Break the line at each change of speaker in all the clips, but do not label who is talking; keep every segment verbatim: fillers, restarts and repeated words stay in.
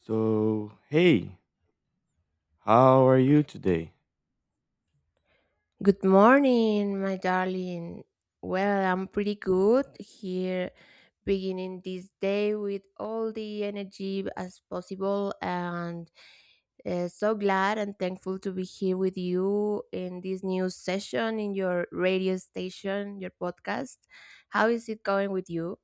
So, hey, how are you today?
Good morning, my darling. Well, I'm pretty good here, beginning this day with all the energy as possible, and uh, so glad and thankful to be here with you in this new session in your radio station, your podcast. How is it going with you?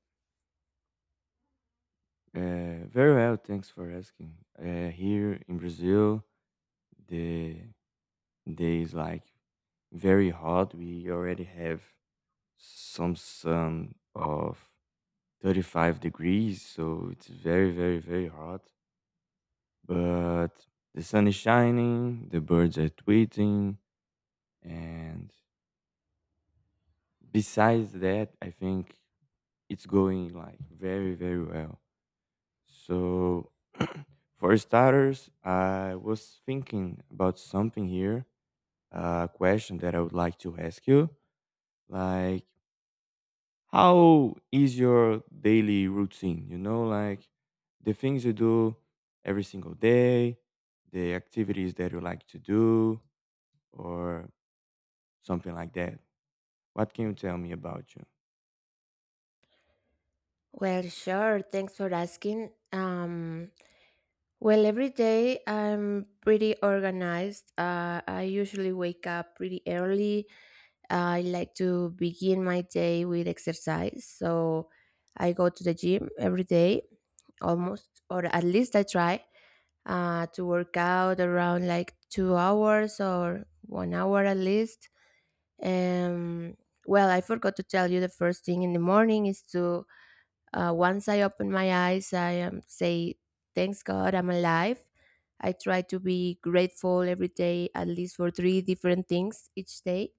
Uh, very well, thanks for asking. Uh, here in Brazil, the day is like very hot. We already have some sun of thirty-five degrees, so it's very, very, very hot. But the sun is shining, the birds are tweeting, and besides that, I think it's going like very, very well. So, for starters, I was thinking about something here, a question that I would like to ask you. Like, how is your daily routine? You know, like the things you do every single day, the activities that you like to do, or something like that. What can you tell me about you?
Well, sure. Thanks for asking. Um, well, every day I'm pretty organized. Uh, I usually wake up pretty early. I like to begin my day with exercise. So I go to the gym every day almost, or at least I try uh, to work out around like two hours or one hour at least. Um, well, I forgot to tell you, the first thing in the morning is to, uh, once I open my eyes, I um, say, thanks God, I'm alive. I try to be grateful every day, at least for three different things each day.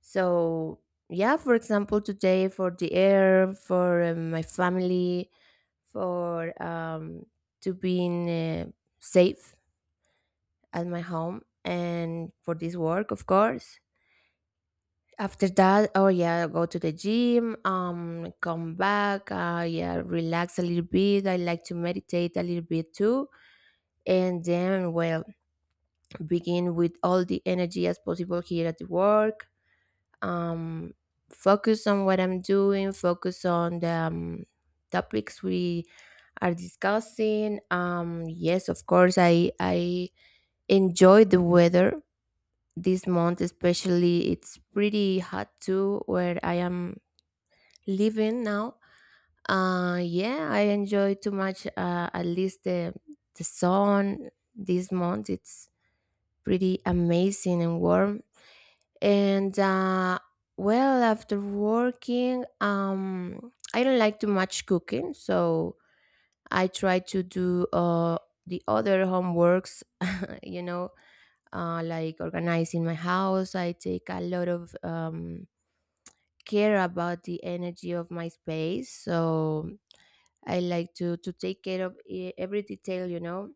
So, yeah, for example, today for the air, for uh, my family, for um, to being uh, safe at my home, and for this work, of course. After that, oh yeah, go to the gym, um, come back, uh, yeah, relax a little bit. I like to meditate a little bit too, and then, well, begin with all the energy as possible here at the work, um, focus on what I'm doing, focus on the um, topics we are discussing. Um, yes, of course, I I enjoy the weather this month, especially it's pretty hot too where I am living now. Uh, yeah, I enjoy too much. Uh, at least the the sun this month, it's pretty amazing and warm. And uh, well, after working, um, I don't like too much cooking, so I try to do uh, the other homeworks. uh, You know, uh, like organizing my house. I take a lot of um, care about the energy of my space, so I like to to take care of e- every detail. You know,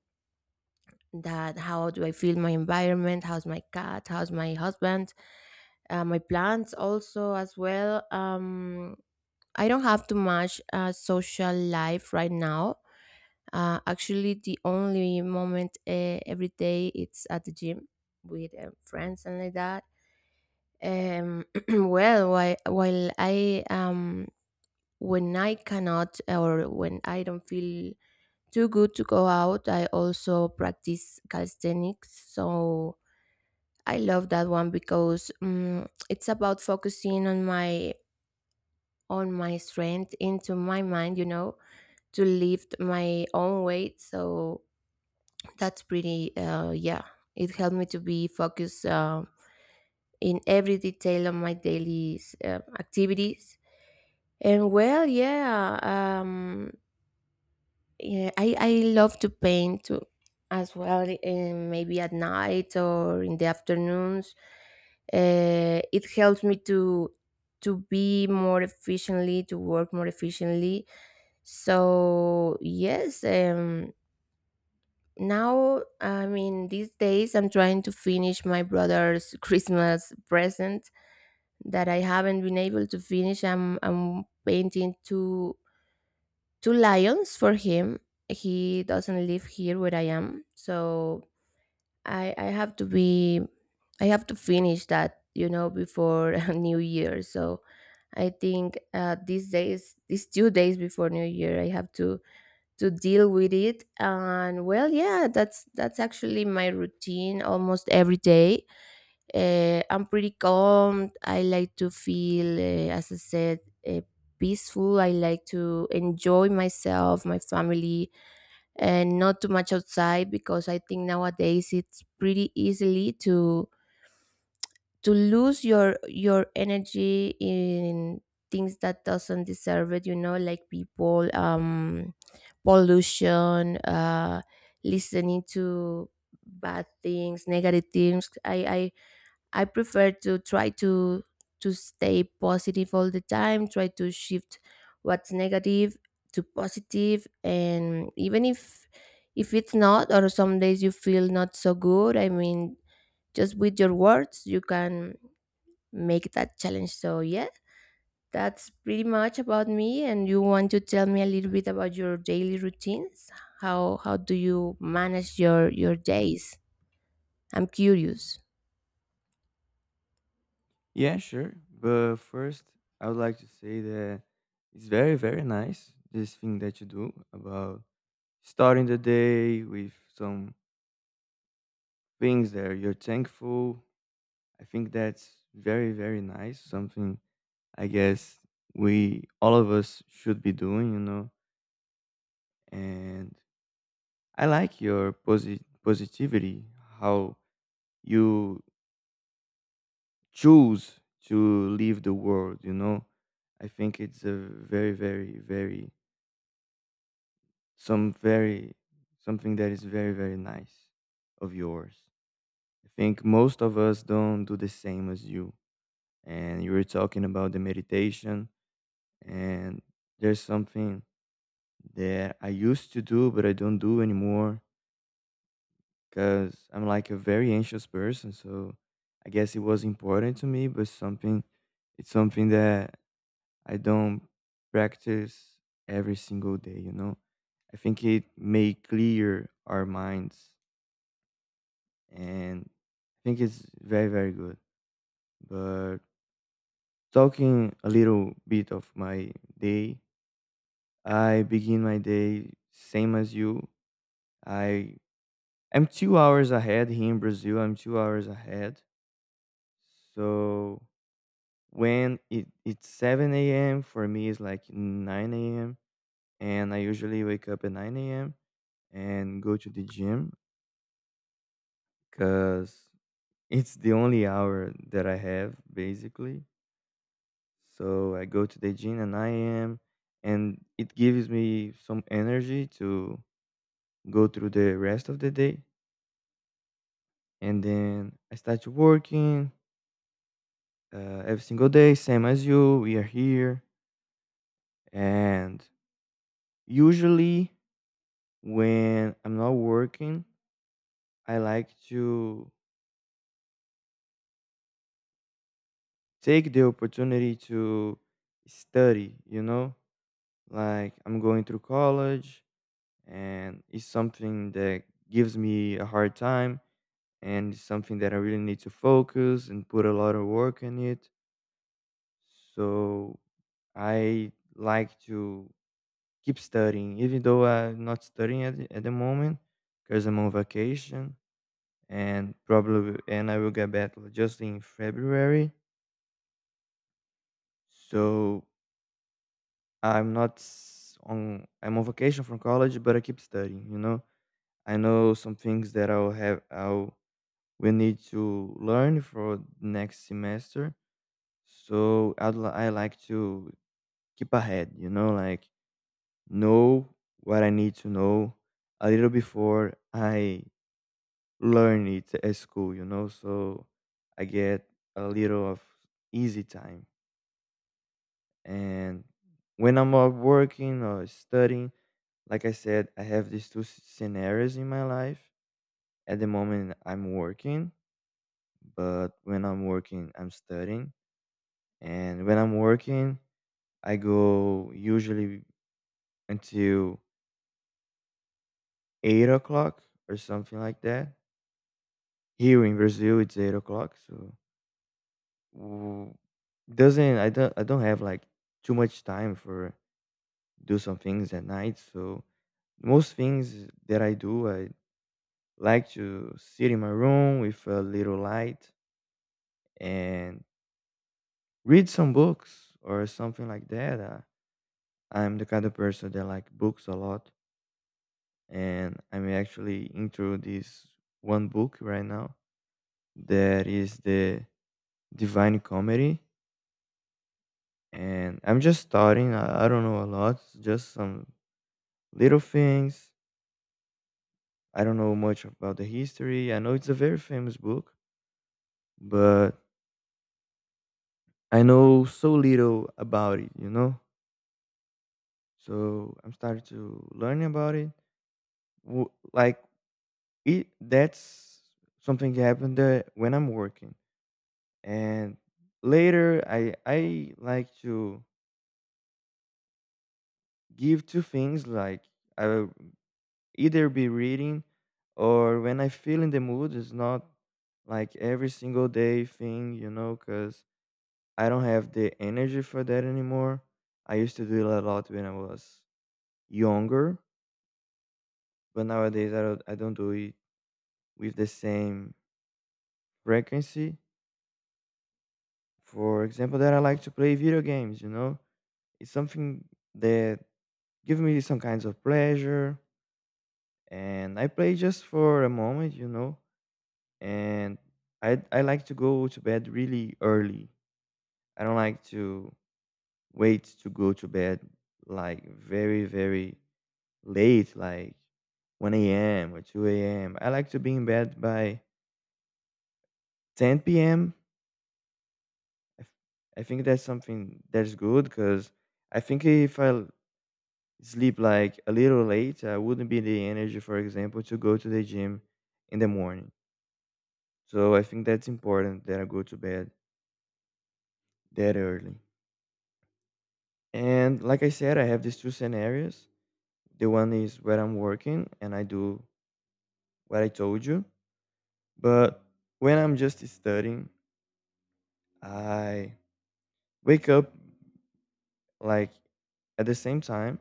that, how do I feel my environment, how's my cat, how's my husband, uh, my plants also as well. um I don't have too much uh, social life right now. uh, actually the only moment uh, every day it's at the gym with uh, friends and like that. um well, while, while i um when I cannot or when I don't feel too good to go out, I also practice calisthenics. So I love that one because um, it's about focusing on my on my strength into my mind, you know, to lift my own weight. So that's pretty. Uh, yeah, it helped me to be focused uh, in every detail of my daily uh, activities. And well, yeah, um, yeah i i love to paint too as well. Eh, maybe at night or in the afternoons, uh, it helps me to to be more efficiently, to work more efficiently. So yes, um now, I mean, these days I'm trying to finish my brother's Christmas present that I haven't been able to finish. I'm i'm painting two two lions for him. He doesn't live here where I am, so I I have to be, I have to finish that, you know, before New Year. So I think uh, these days, these two days before New Year, I have to to deal with it. And well, yeah, that's that's actually my routine almost every day. Uh, I'm pretty calm. I like to feel, uh, as I said, uh, peaceful. I like to enjoy myself, my family, and not too much outside because I think nowadays it's pretty easily to to lose your your energy in things that doesn't deserve it. You know, like people, um, pollution, uh, listening to bad things, negative things. I I I prefer to try to to stay positive all the time, try to shift what's negative to positive. And even if if it's not, or some days you feel not so good, I mean, just with your words you can make that challenge. So yeah, that's pretty much about me. And you, want to tell me a little bit about your daily routines? How how do you manage your your days? I'm curious.
Yeah, sure. But first, I would like to say that it's very, very nice, this thing that you do about starting the day with some things that you're thankful. I think that's very, very nice. Something I guess we all of us should be doing, you know. And I like your posi- positivity, how you choose to leave the world, you know. I think it's a very, very, very some very something that is very, very nice of yours. I think most of us don't do the same as you, and you were talking about the meditation. And there's something that I used to do but I don't do anymore because I'm like a very anxious person, so I guess it was important to me, but something it's something that I don't practice every single day, you know. I think it may clear our minds, and I think it's very, very good. But talking a little bit of my day, I begin my day same as you. I I'm two hours ahead here in Brazil. I'm two hours ahead. So when it, it's seven a m for me, it's like nine a m. And I usually wake up at nine a m and go to the gym because it's the only hour that I have, basically. So I go to the gym at nine a m, and it gives me some energy to go through the rest of the day. And then I started working, uh, every single day, same as you. We are here. And usually, when I'm not working, I like to take the opportunity to study, you know? Like, I'm going through college, and it's something that gives me a hard time, and it's something that I really need to focus and put a lot of work in it. So, I like to keep studying, even though I'm not studying at the, at the moment because I'm on vacation, and probably and I will get back just in February. So I'm not s- on I'm on vacation from college, but I keep studying. You know, I know some things that I'll have I'll will need to learn for next semester. So I'd li- I like to keep ahead. You know, like, know what I need to know a little before I learn it at school, you know. So I get a little of easy time. And when I'm out working or studying, like I said, I have these two s- scenarios in my life. At the moment, I'm working, but when I'm working, I'm studying. And when I'm working, I go usually until eight o'clock or something like that. Here in Brazil, it's eight o'clock, so w- doesn't I don't I don't have like too much time for do some things at night. So most things that I do, I like to sit in my room with a little light and read some books or something like that. Uh, I'm the kind of person that like books a lot, and I'm actually into this one book right now that is the Divine Comedy, and I'm just starting. I, I don't know a lot, just some little things. I don't know much about the history. I know it's a very famous book, but I know so little about it, you know? So I'm starting to learn about it. W- Like, it, that's something that happened that when I'm working. And later, I, I like to give two things, like I will either be reading, or when I feel in the mood. It's not like every single day thing, you know, cause. I don't have the energy for that anymore. I used to do it a lot when I was younger, but nowadays I don't, I don't do it with the same frequency. For example, that I like to play video games, you know? It's something that gives me some kinds of pleasure, and I play just for a moment, you know? And I I like to go to bed really early. I don't like to wait to go to bed like very, very late, like one a m or two a m. I like to be in bed by ten p m. I, f- I think that's something that's good because I think if I l- sleep like a little late, I wouldn't be the energy, for example, to go to the gym in the morning. So I think that's important that I go to bed that early. And like I said, I have these two scenarios. The one is where I'm working and I do what I told you. But when I'm just studying, I wake up like at the same time,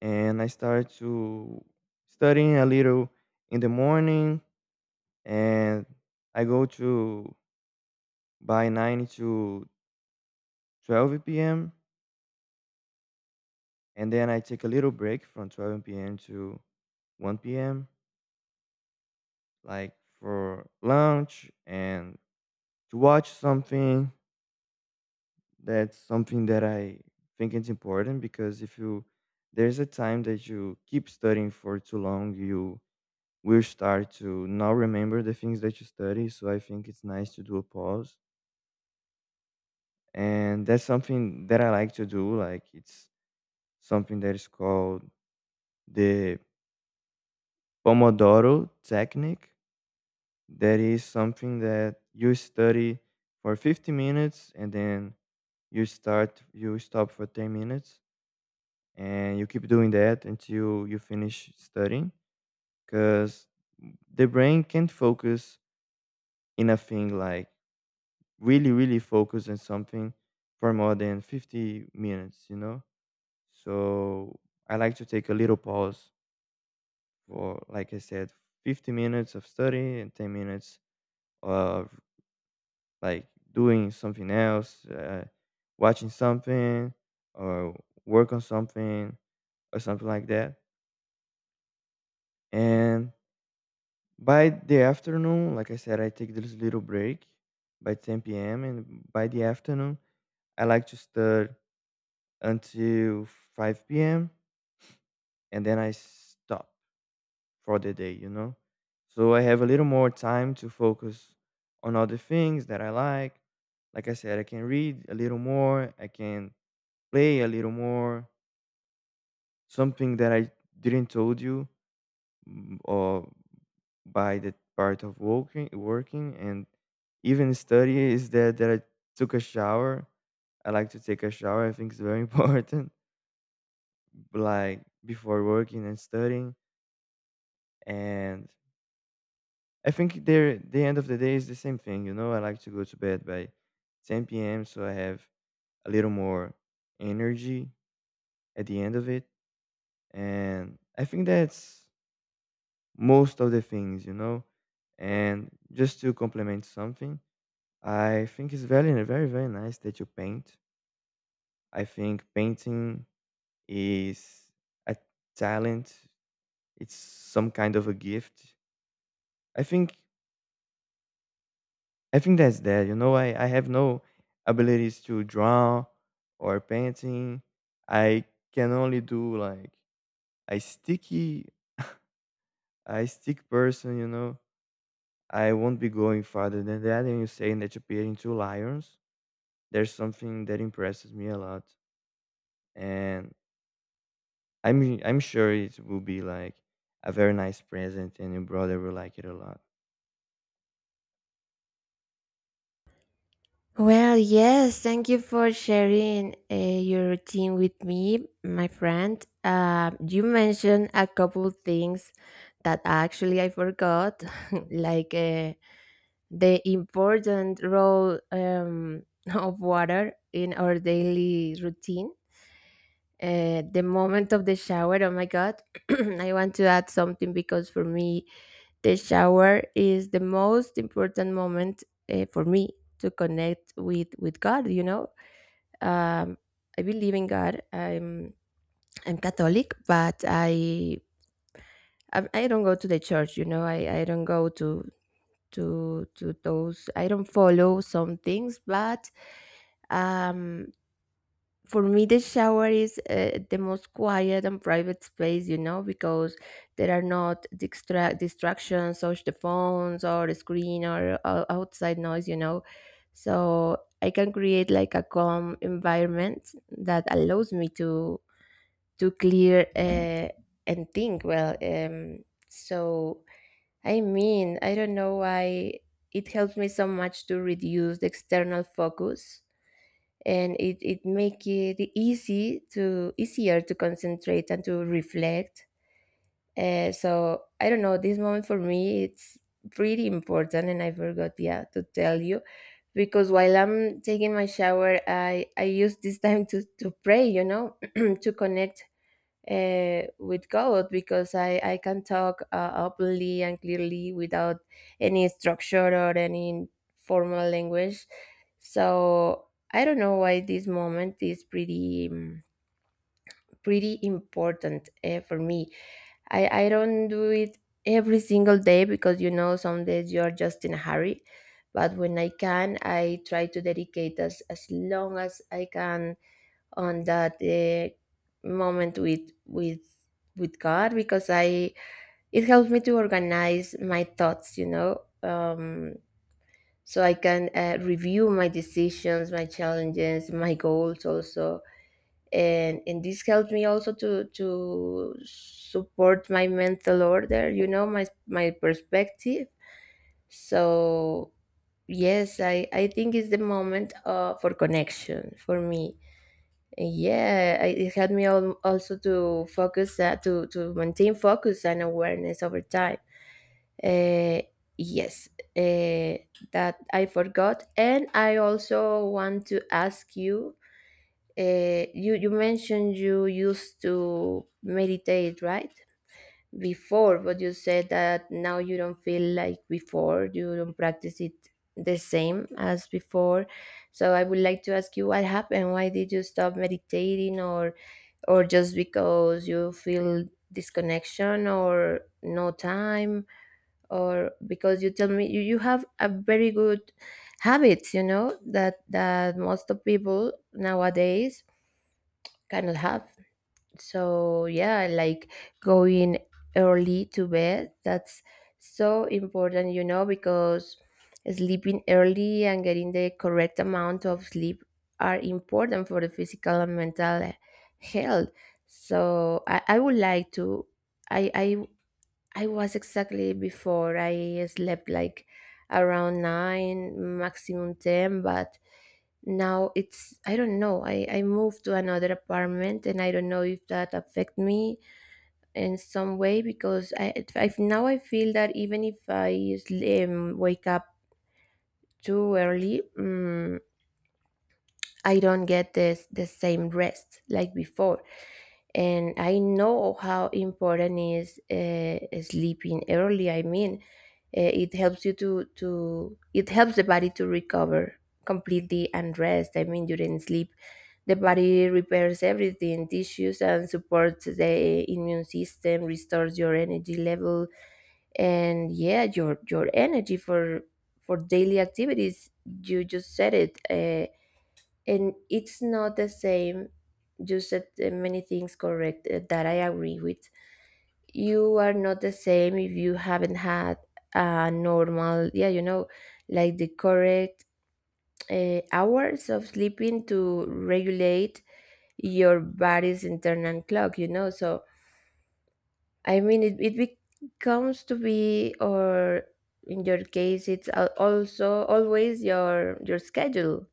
and I started to studying a little in the morning, and I go to by nine to twelve p m, and then I take a little break from twelve p m to one p m, like for lunch and to watch something. That's something that I think it's important because if you there's a time that you keep studying for too long, you will start to now remember the things that you study. So I think it's nice to do a pause. And that's something that I like to do. Like, it's something that is called the Pomodoro technique. That is something that you study for fifty minutes and then you start, you stop for ten minutes, and you keep doing that until you finish studying because the brain can't focus in a thing, like really, really focus on something for more than fifty minutes, you know. So I like to take a little pause for, like I said, fifty minutes of study and ten minutes of, like, doing something else, uh, watching something, or work on something, or something like that. And by the afternoon, like I said, I take this little break by ten p m, and by the afternoon I like to study until five p m, and then I stop for the day, you know? So I have a little more time to focus on other things that I like. Like I said, I can read a little more, I can play a little more. Something that I didn't told you, mm, or by the part of working working and even study, is that that I took a shower. I like to take a shower. I think it's very important. Like before working and studying. And I think there the end of the day is the same thing, you know. I like to go to bed by ten p m, so I have a little more energy at the end of it. And I think that's most of the things, you know. And just to complement something, I think it's very, very, very nice that you paint. I think painting is a talent, it's some kind of a gift. i think I think that's that. You know, I, I have no abilities to draw or painting. I can only do like a sticky, a stick person. You know, I won't be going farther than that. And you saying that you're painting two lions, there's something that impresses me a lot, and I'm I'm sure it will be like a very nice present, and your brother will like it a lot.
Well, yes, thank you for sharing uh, your routine with me, my friend. Uh, you mentioned a couple things that actually I forgot, like uh, the important role um, of water in our daily routine. Uh, the moment of the shower, oh my God, I want to add something because, for me, the shower is the most important moment uh, for me to connect with with God. You know, um, I believe in God. I'm I'm Catholic, but I I, I don't go to the church. You know, I, I don't go to to to those. I don't follow some things, but um for me the shower is uh, the most quiet and private space, you know, because there are not distra- distractions such the phones or the screen or o- outside noise, you know. So I can create like a calm environment that allows me to to clear uh, and think well. Um so I mean, I don't know why it helps me so much to reduce the external focus, and it, it make it easy to easier to concentrate and to reflect. Uh, so I don't know, this moment for me, it's pretty important, and I forgot, yeah, to tell you. Because while I'm taking my shower, i i use this time to to pray, you know, to connect uh, with God, because I, I can talk uh, openly and clearly without any structure or any formal language. So I don't know why this moment is pretty um, pretty important uh, for me. I, I don't do it every single day because, you know, some days you are just in a hurry. But when I can, I try to dedicate as, as long as I can on that uh, moment with with with God, because I, it helps me to organize my thoughts, you know. Um, so I can uh, review my decisions, my challenges, my goals also, and and this helps me also to to support my mental order, you know, my my perspective. So yes, I I think it's the moment uh, for connection for me. Yeah, I- it helped me al- also to focus that to to maintain focus and awareness over time. uh, yes, uh, that I forgot. And I also want to ask you, uh, you you mentioned you used to meditate, right, before, but you said that now you don't feel like before, you don't practice it the same as before. So I would like to ask you, what happened? Why did you stop meditating? or or just because you feel disconnection or no time? Or because, you tell me, you, you have a very good habits, you know, that that most of people nowadays cannot have. So yeah, like going early to bed, that's so important, you know, because sleeping early and getting the correct amount of sleep are important for the physical and mental health. So i, I would like to, I, I I was exactly before, I slept like around nine maximum ten, but now it's, I don't know, i i moved to another apartment and I don't know if that affect me in some way. Because i, it- I now I feel that even if I sl- um, wake up too early, um, I don't get this the same rest like before. And I know how important is uh, sleeping early. I mean, uh, it helps you to to it helps the body to recover completely and rest. I mean, during sleep, the body repairs everything, tissues, and supports the immune system, restores your energy level, and yeah, your your energy for for daily activities. You just said it. Uh, and it's not the same. You said uh, many things correct uh, that I agree with. You are not the same if you haven't had a normal, yeah, you know, like the correct uh, hours of sleeping to regulate your body's internal clock, you know. So I mean, it, it becomes to be, or in your case, it's al- also always your your schedule,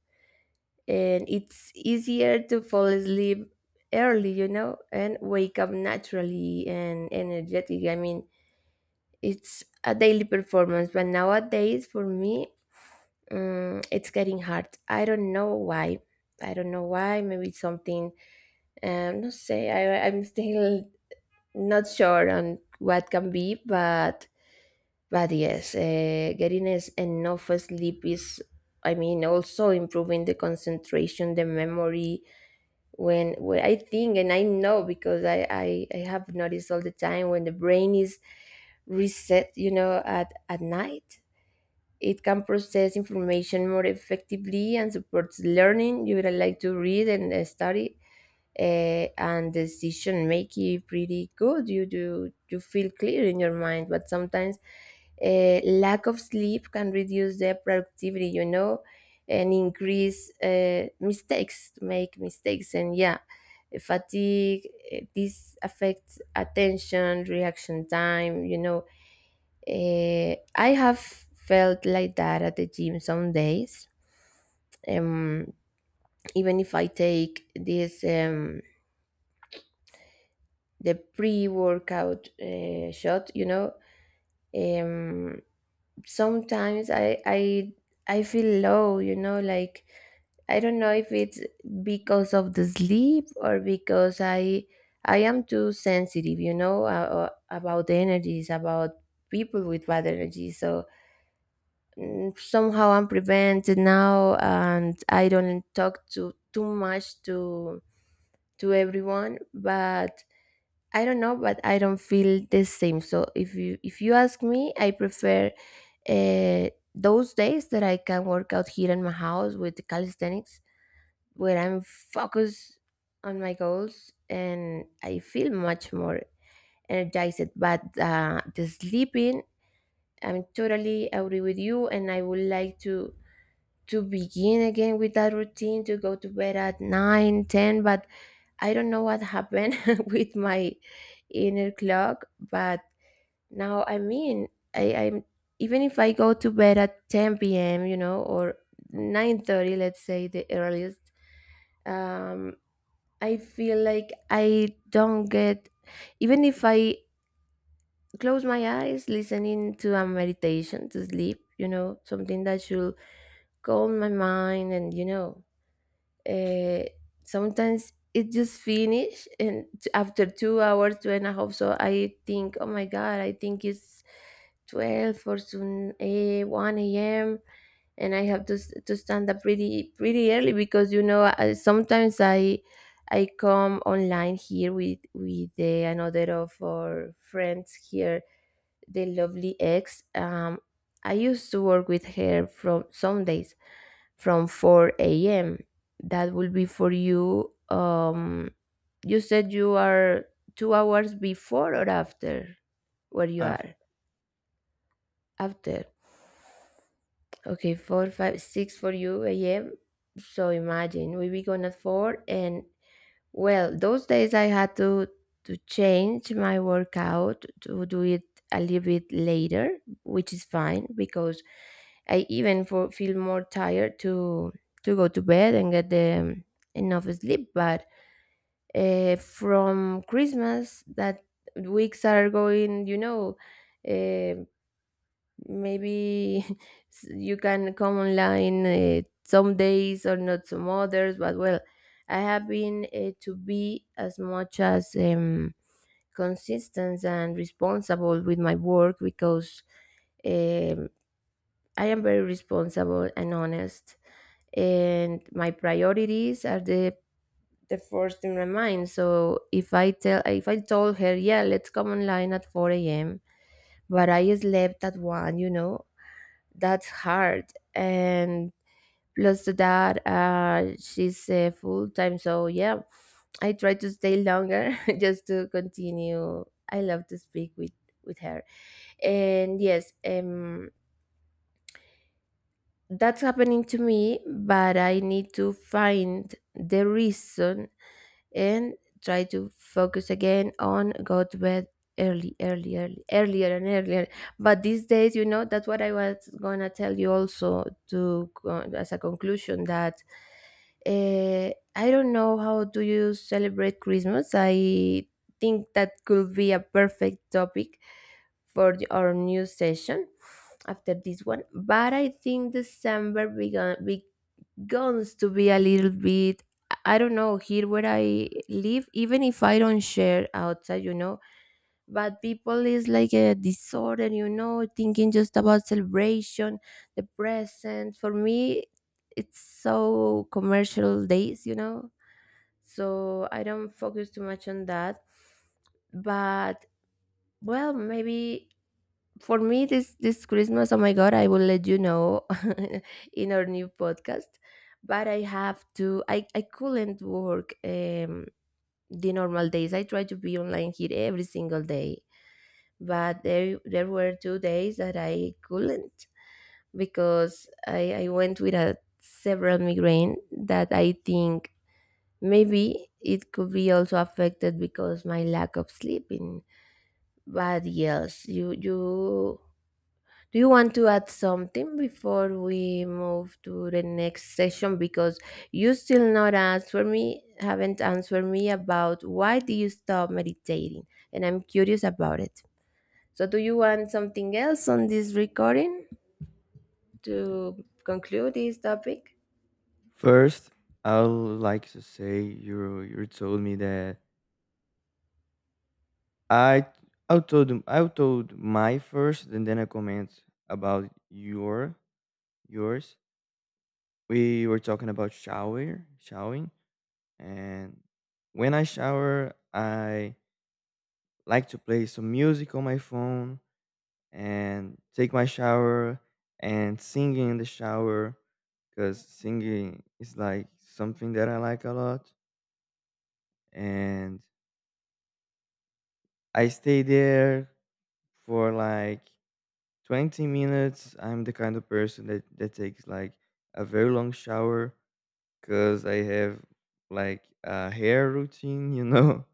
and it's easier to fall asleep early, you know, and wake up naturally and energetic. I mean, it's a daily performance, but nowadays for me, um, it's getting hard. I don't know why. I don't know why, maybe it's something, um not say, I, I'm still not sure on what can be. but but yes, uh, getting is enough sleep is, I mean, also improving the concentration, the memory. When when I think, and I know because I, I I have noticed all the time, when the brain is reset, you know, at at night, it can process information more effectively and supports learning. You would like to read and uh, study, uh, and decision making pretty good. You do you feel clear in your mind, but sometimes uh, lack of sleep can reduce their productivity. You know, and increase uh, mistakes, to make mistakes, and yeah, fatigue. uh, This affects attention, reaction time. You know, Eh, I have felt like that at the gym some days. Um, Even if I take this um, the pre-workout uh, shot, you know, um, sometimes I I I feel low, you know, like I don't know if it's because of the sleep or because I I am too sensitive, you know, uh, uh, about the energies, about people with bad energy. So mm, somehow I'm prevented now, and I don't talk to too much to to everyone. But I don't know, but I don't feel the same. So if you if you ask me, I prefer uh, those days that I can work out here in my house with the calisthenics, where I'm focused on my goals and I feel much more energized. But uh, the sleeping, I'm totally agree with you, and I would like to to begin again with that routine to go to bed at nine, ten, but I don't know what happened with my inner clock. But now, I mean, i i'm, even if I go to bed at ten p.m, you know, or nine thirty, let's say the earliest. um I feel like I don't get, even if I close my eyes listening to a meditation to sleep, you know, something that should calm my mind. And, you know, uh, sometimes it just finish and t- after two hours, two and a half, so I think, oh my god, I think it's twelve or soon a one a.m, and I have to, s- to stand up pretty pretty early, because you know I, sometimes i i come online here with with the, another of our friends here, the lovely ex, um I used to work with her from some days, from four a m. That will be for you. Um, you said you are two hours before or after where you
Uh,
are? After. Okay, four, five, six for you a m. So imagine we begin at four, and well, those days I had to to change my workout to do it a little bit later, which is fine because I even for, feel more tired to to go to bed and get the um, enough sleep. But uh, from Christmas, that weeks are going, you know, eh, maybe you can come online uh, some days or not some others. But well, I have been uh, to be as much as um, consistent and responsible with my work, because um, I am very responsible and honest, and my priorities are the the first in my mind. So if i tell if i told her, yeah, let's come online at four a.m, but I slept at one, you know that's hard. And plus to that, uh she's uh, full time, so yeah, I try to stay longer just to continue. I love to speak with with her. And yes, um that's happening to me, but I need to find the reason, and try to focus again on go to bed early early early earlier and earlier. But these days, you know that's what I was gonna tell you also, to co- as a conclusion, that uh, I don't know how do you celebrate Christmas. I think that could be a perfect topic for the- our new session after this one. But I think December began guns to be a little bit, I don't know, here where I live, even if I don't share outside, you know but people is like a disorder, you know thinking just about celebration. The present for me, it's so commercial days, you know so I don't focus too much on that. But well, maybe for me this this Christmas, oh my god, I will let you know in our new podcast. But I have to I I couldn't work. Um the normal days I try to be online here every single day, but there there were two days that I couldn't, because i i went with a several migraine that I think maybe it could be also affected because my lack of sleeping. But yes, you you. Do you want to add something before we move to the next session? Because you still not answer me, haven't answered me about why do you stop meditating, and I'm curious about it. So, do you want something else on this recording to conclude this topic?
First, I would like to say you you told me that I I told I told my first, and then I comment about your yours. We were talking about shower, showering, and when I shower, I like to play some music on my phone and take my shower and singing in the shower because singing is like something that I like a lot. And I stay there for like twenty minutes. I'm the kind of person that that takes like a very long shower because I have like a hair routine, you know.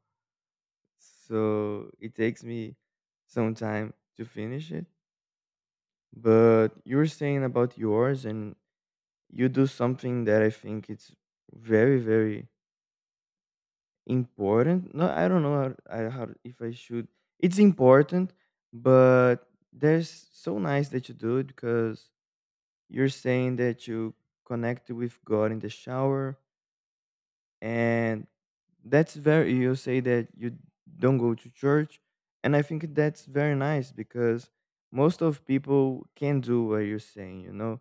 So it takes me some time to finish it. But you were saying about yours, and you do something that I think it's very, very important. No, I don't know how, I, how if I should. It's important, but there's so nice that you do it because you're saying that you connect with God in the shower. And that's very, you say that you don't go to church. And I think that's very nice because most of people can do what you're saying, you know,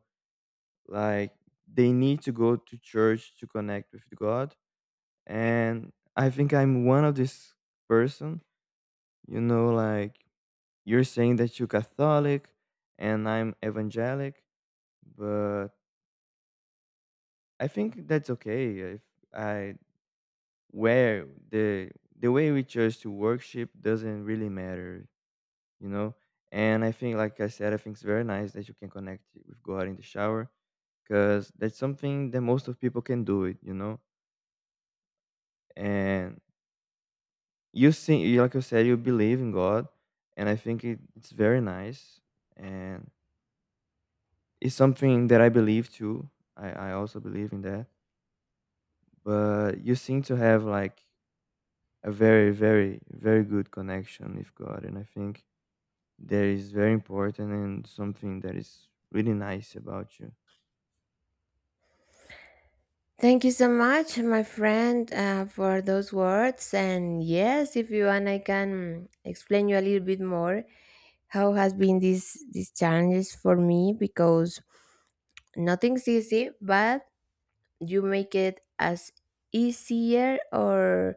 like they need to go to church to connect with God. And I think I'm one of this person, you know, like, you're saying that you're Catholic and I'm evangelic. But I think that's okay, if I where the the way we chose to worship doesn't really matter, you know. And I think, like I said, I think it's very nice that you can connect with God in the shower because that's something that most of people can do it, you know. And you see, like you said, you believe in God, and I think it, it's very nice, and it's something that I believe too. I I also believe in that, but you seem to have like a very, very, very good connection with God. And I think that is very important and something that is really nice about you.
Thank you so much, my friend, uh, for those words. And yes, if you want, I can explain you a little bit more how has been this these challenges for me, because nothing's easy, but you make it as easier or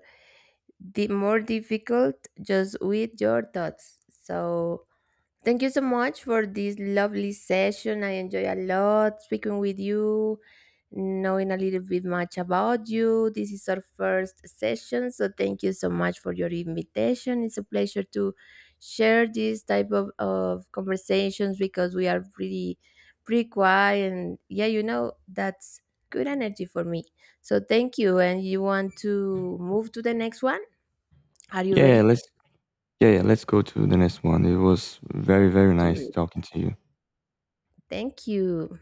the more difficult just with your thoughts. So thank you so much for this lovely session. I enjoy a lot speaking with you, knowing a little bit much about you. This is our first session, so thank you so much for your invitation. It's a pleasure to share this type of, of conversations, because we are pretty pretty quiet, and yeah, you know, that's good energy for me. So thank you. And you want to move to the next one? Are you
Yeah, yeah,
ready?
let's yeah, yeah, let's go to the next one. It was very, very
To
nice
it.
talking to you.
Thank you.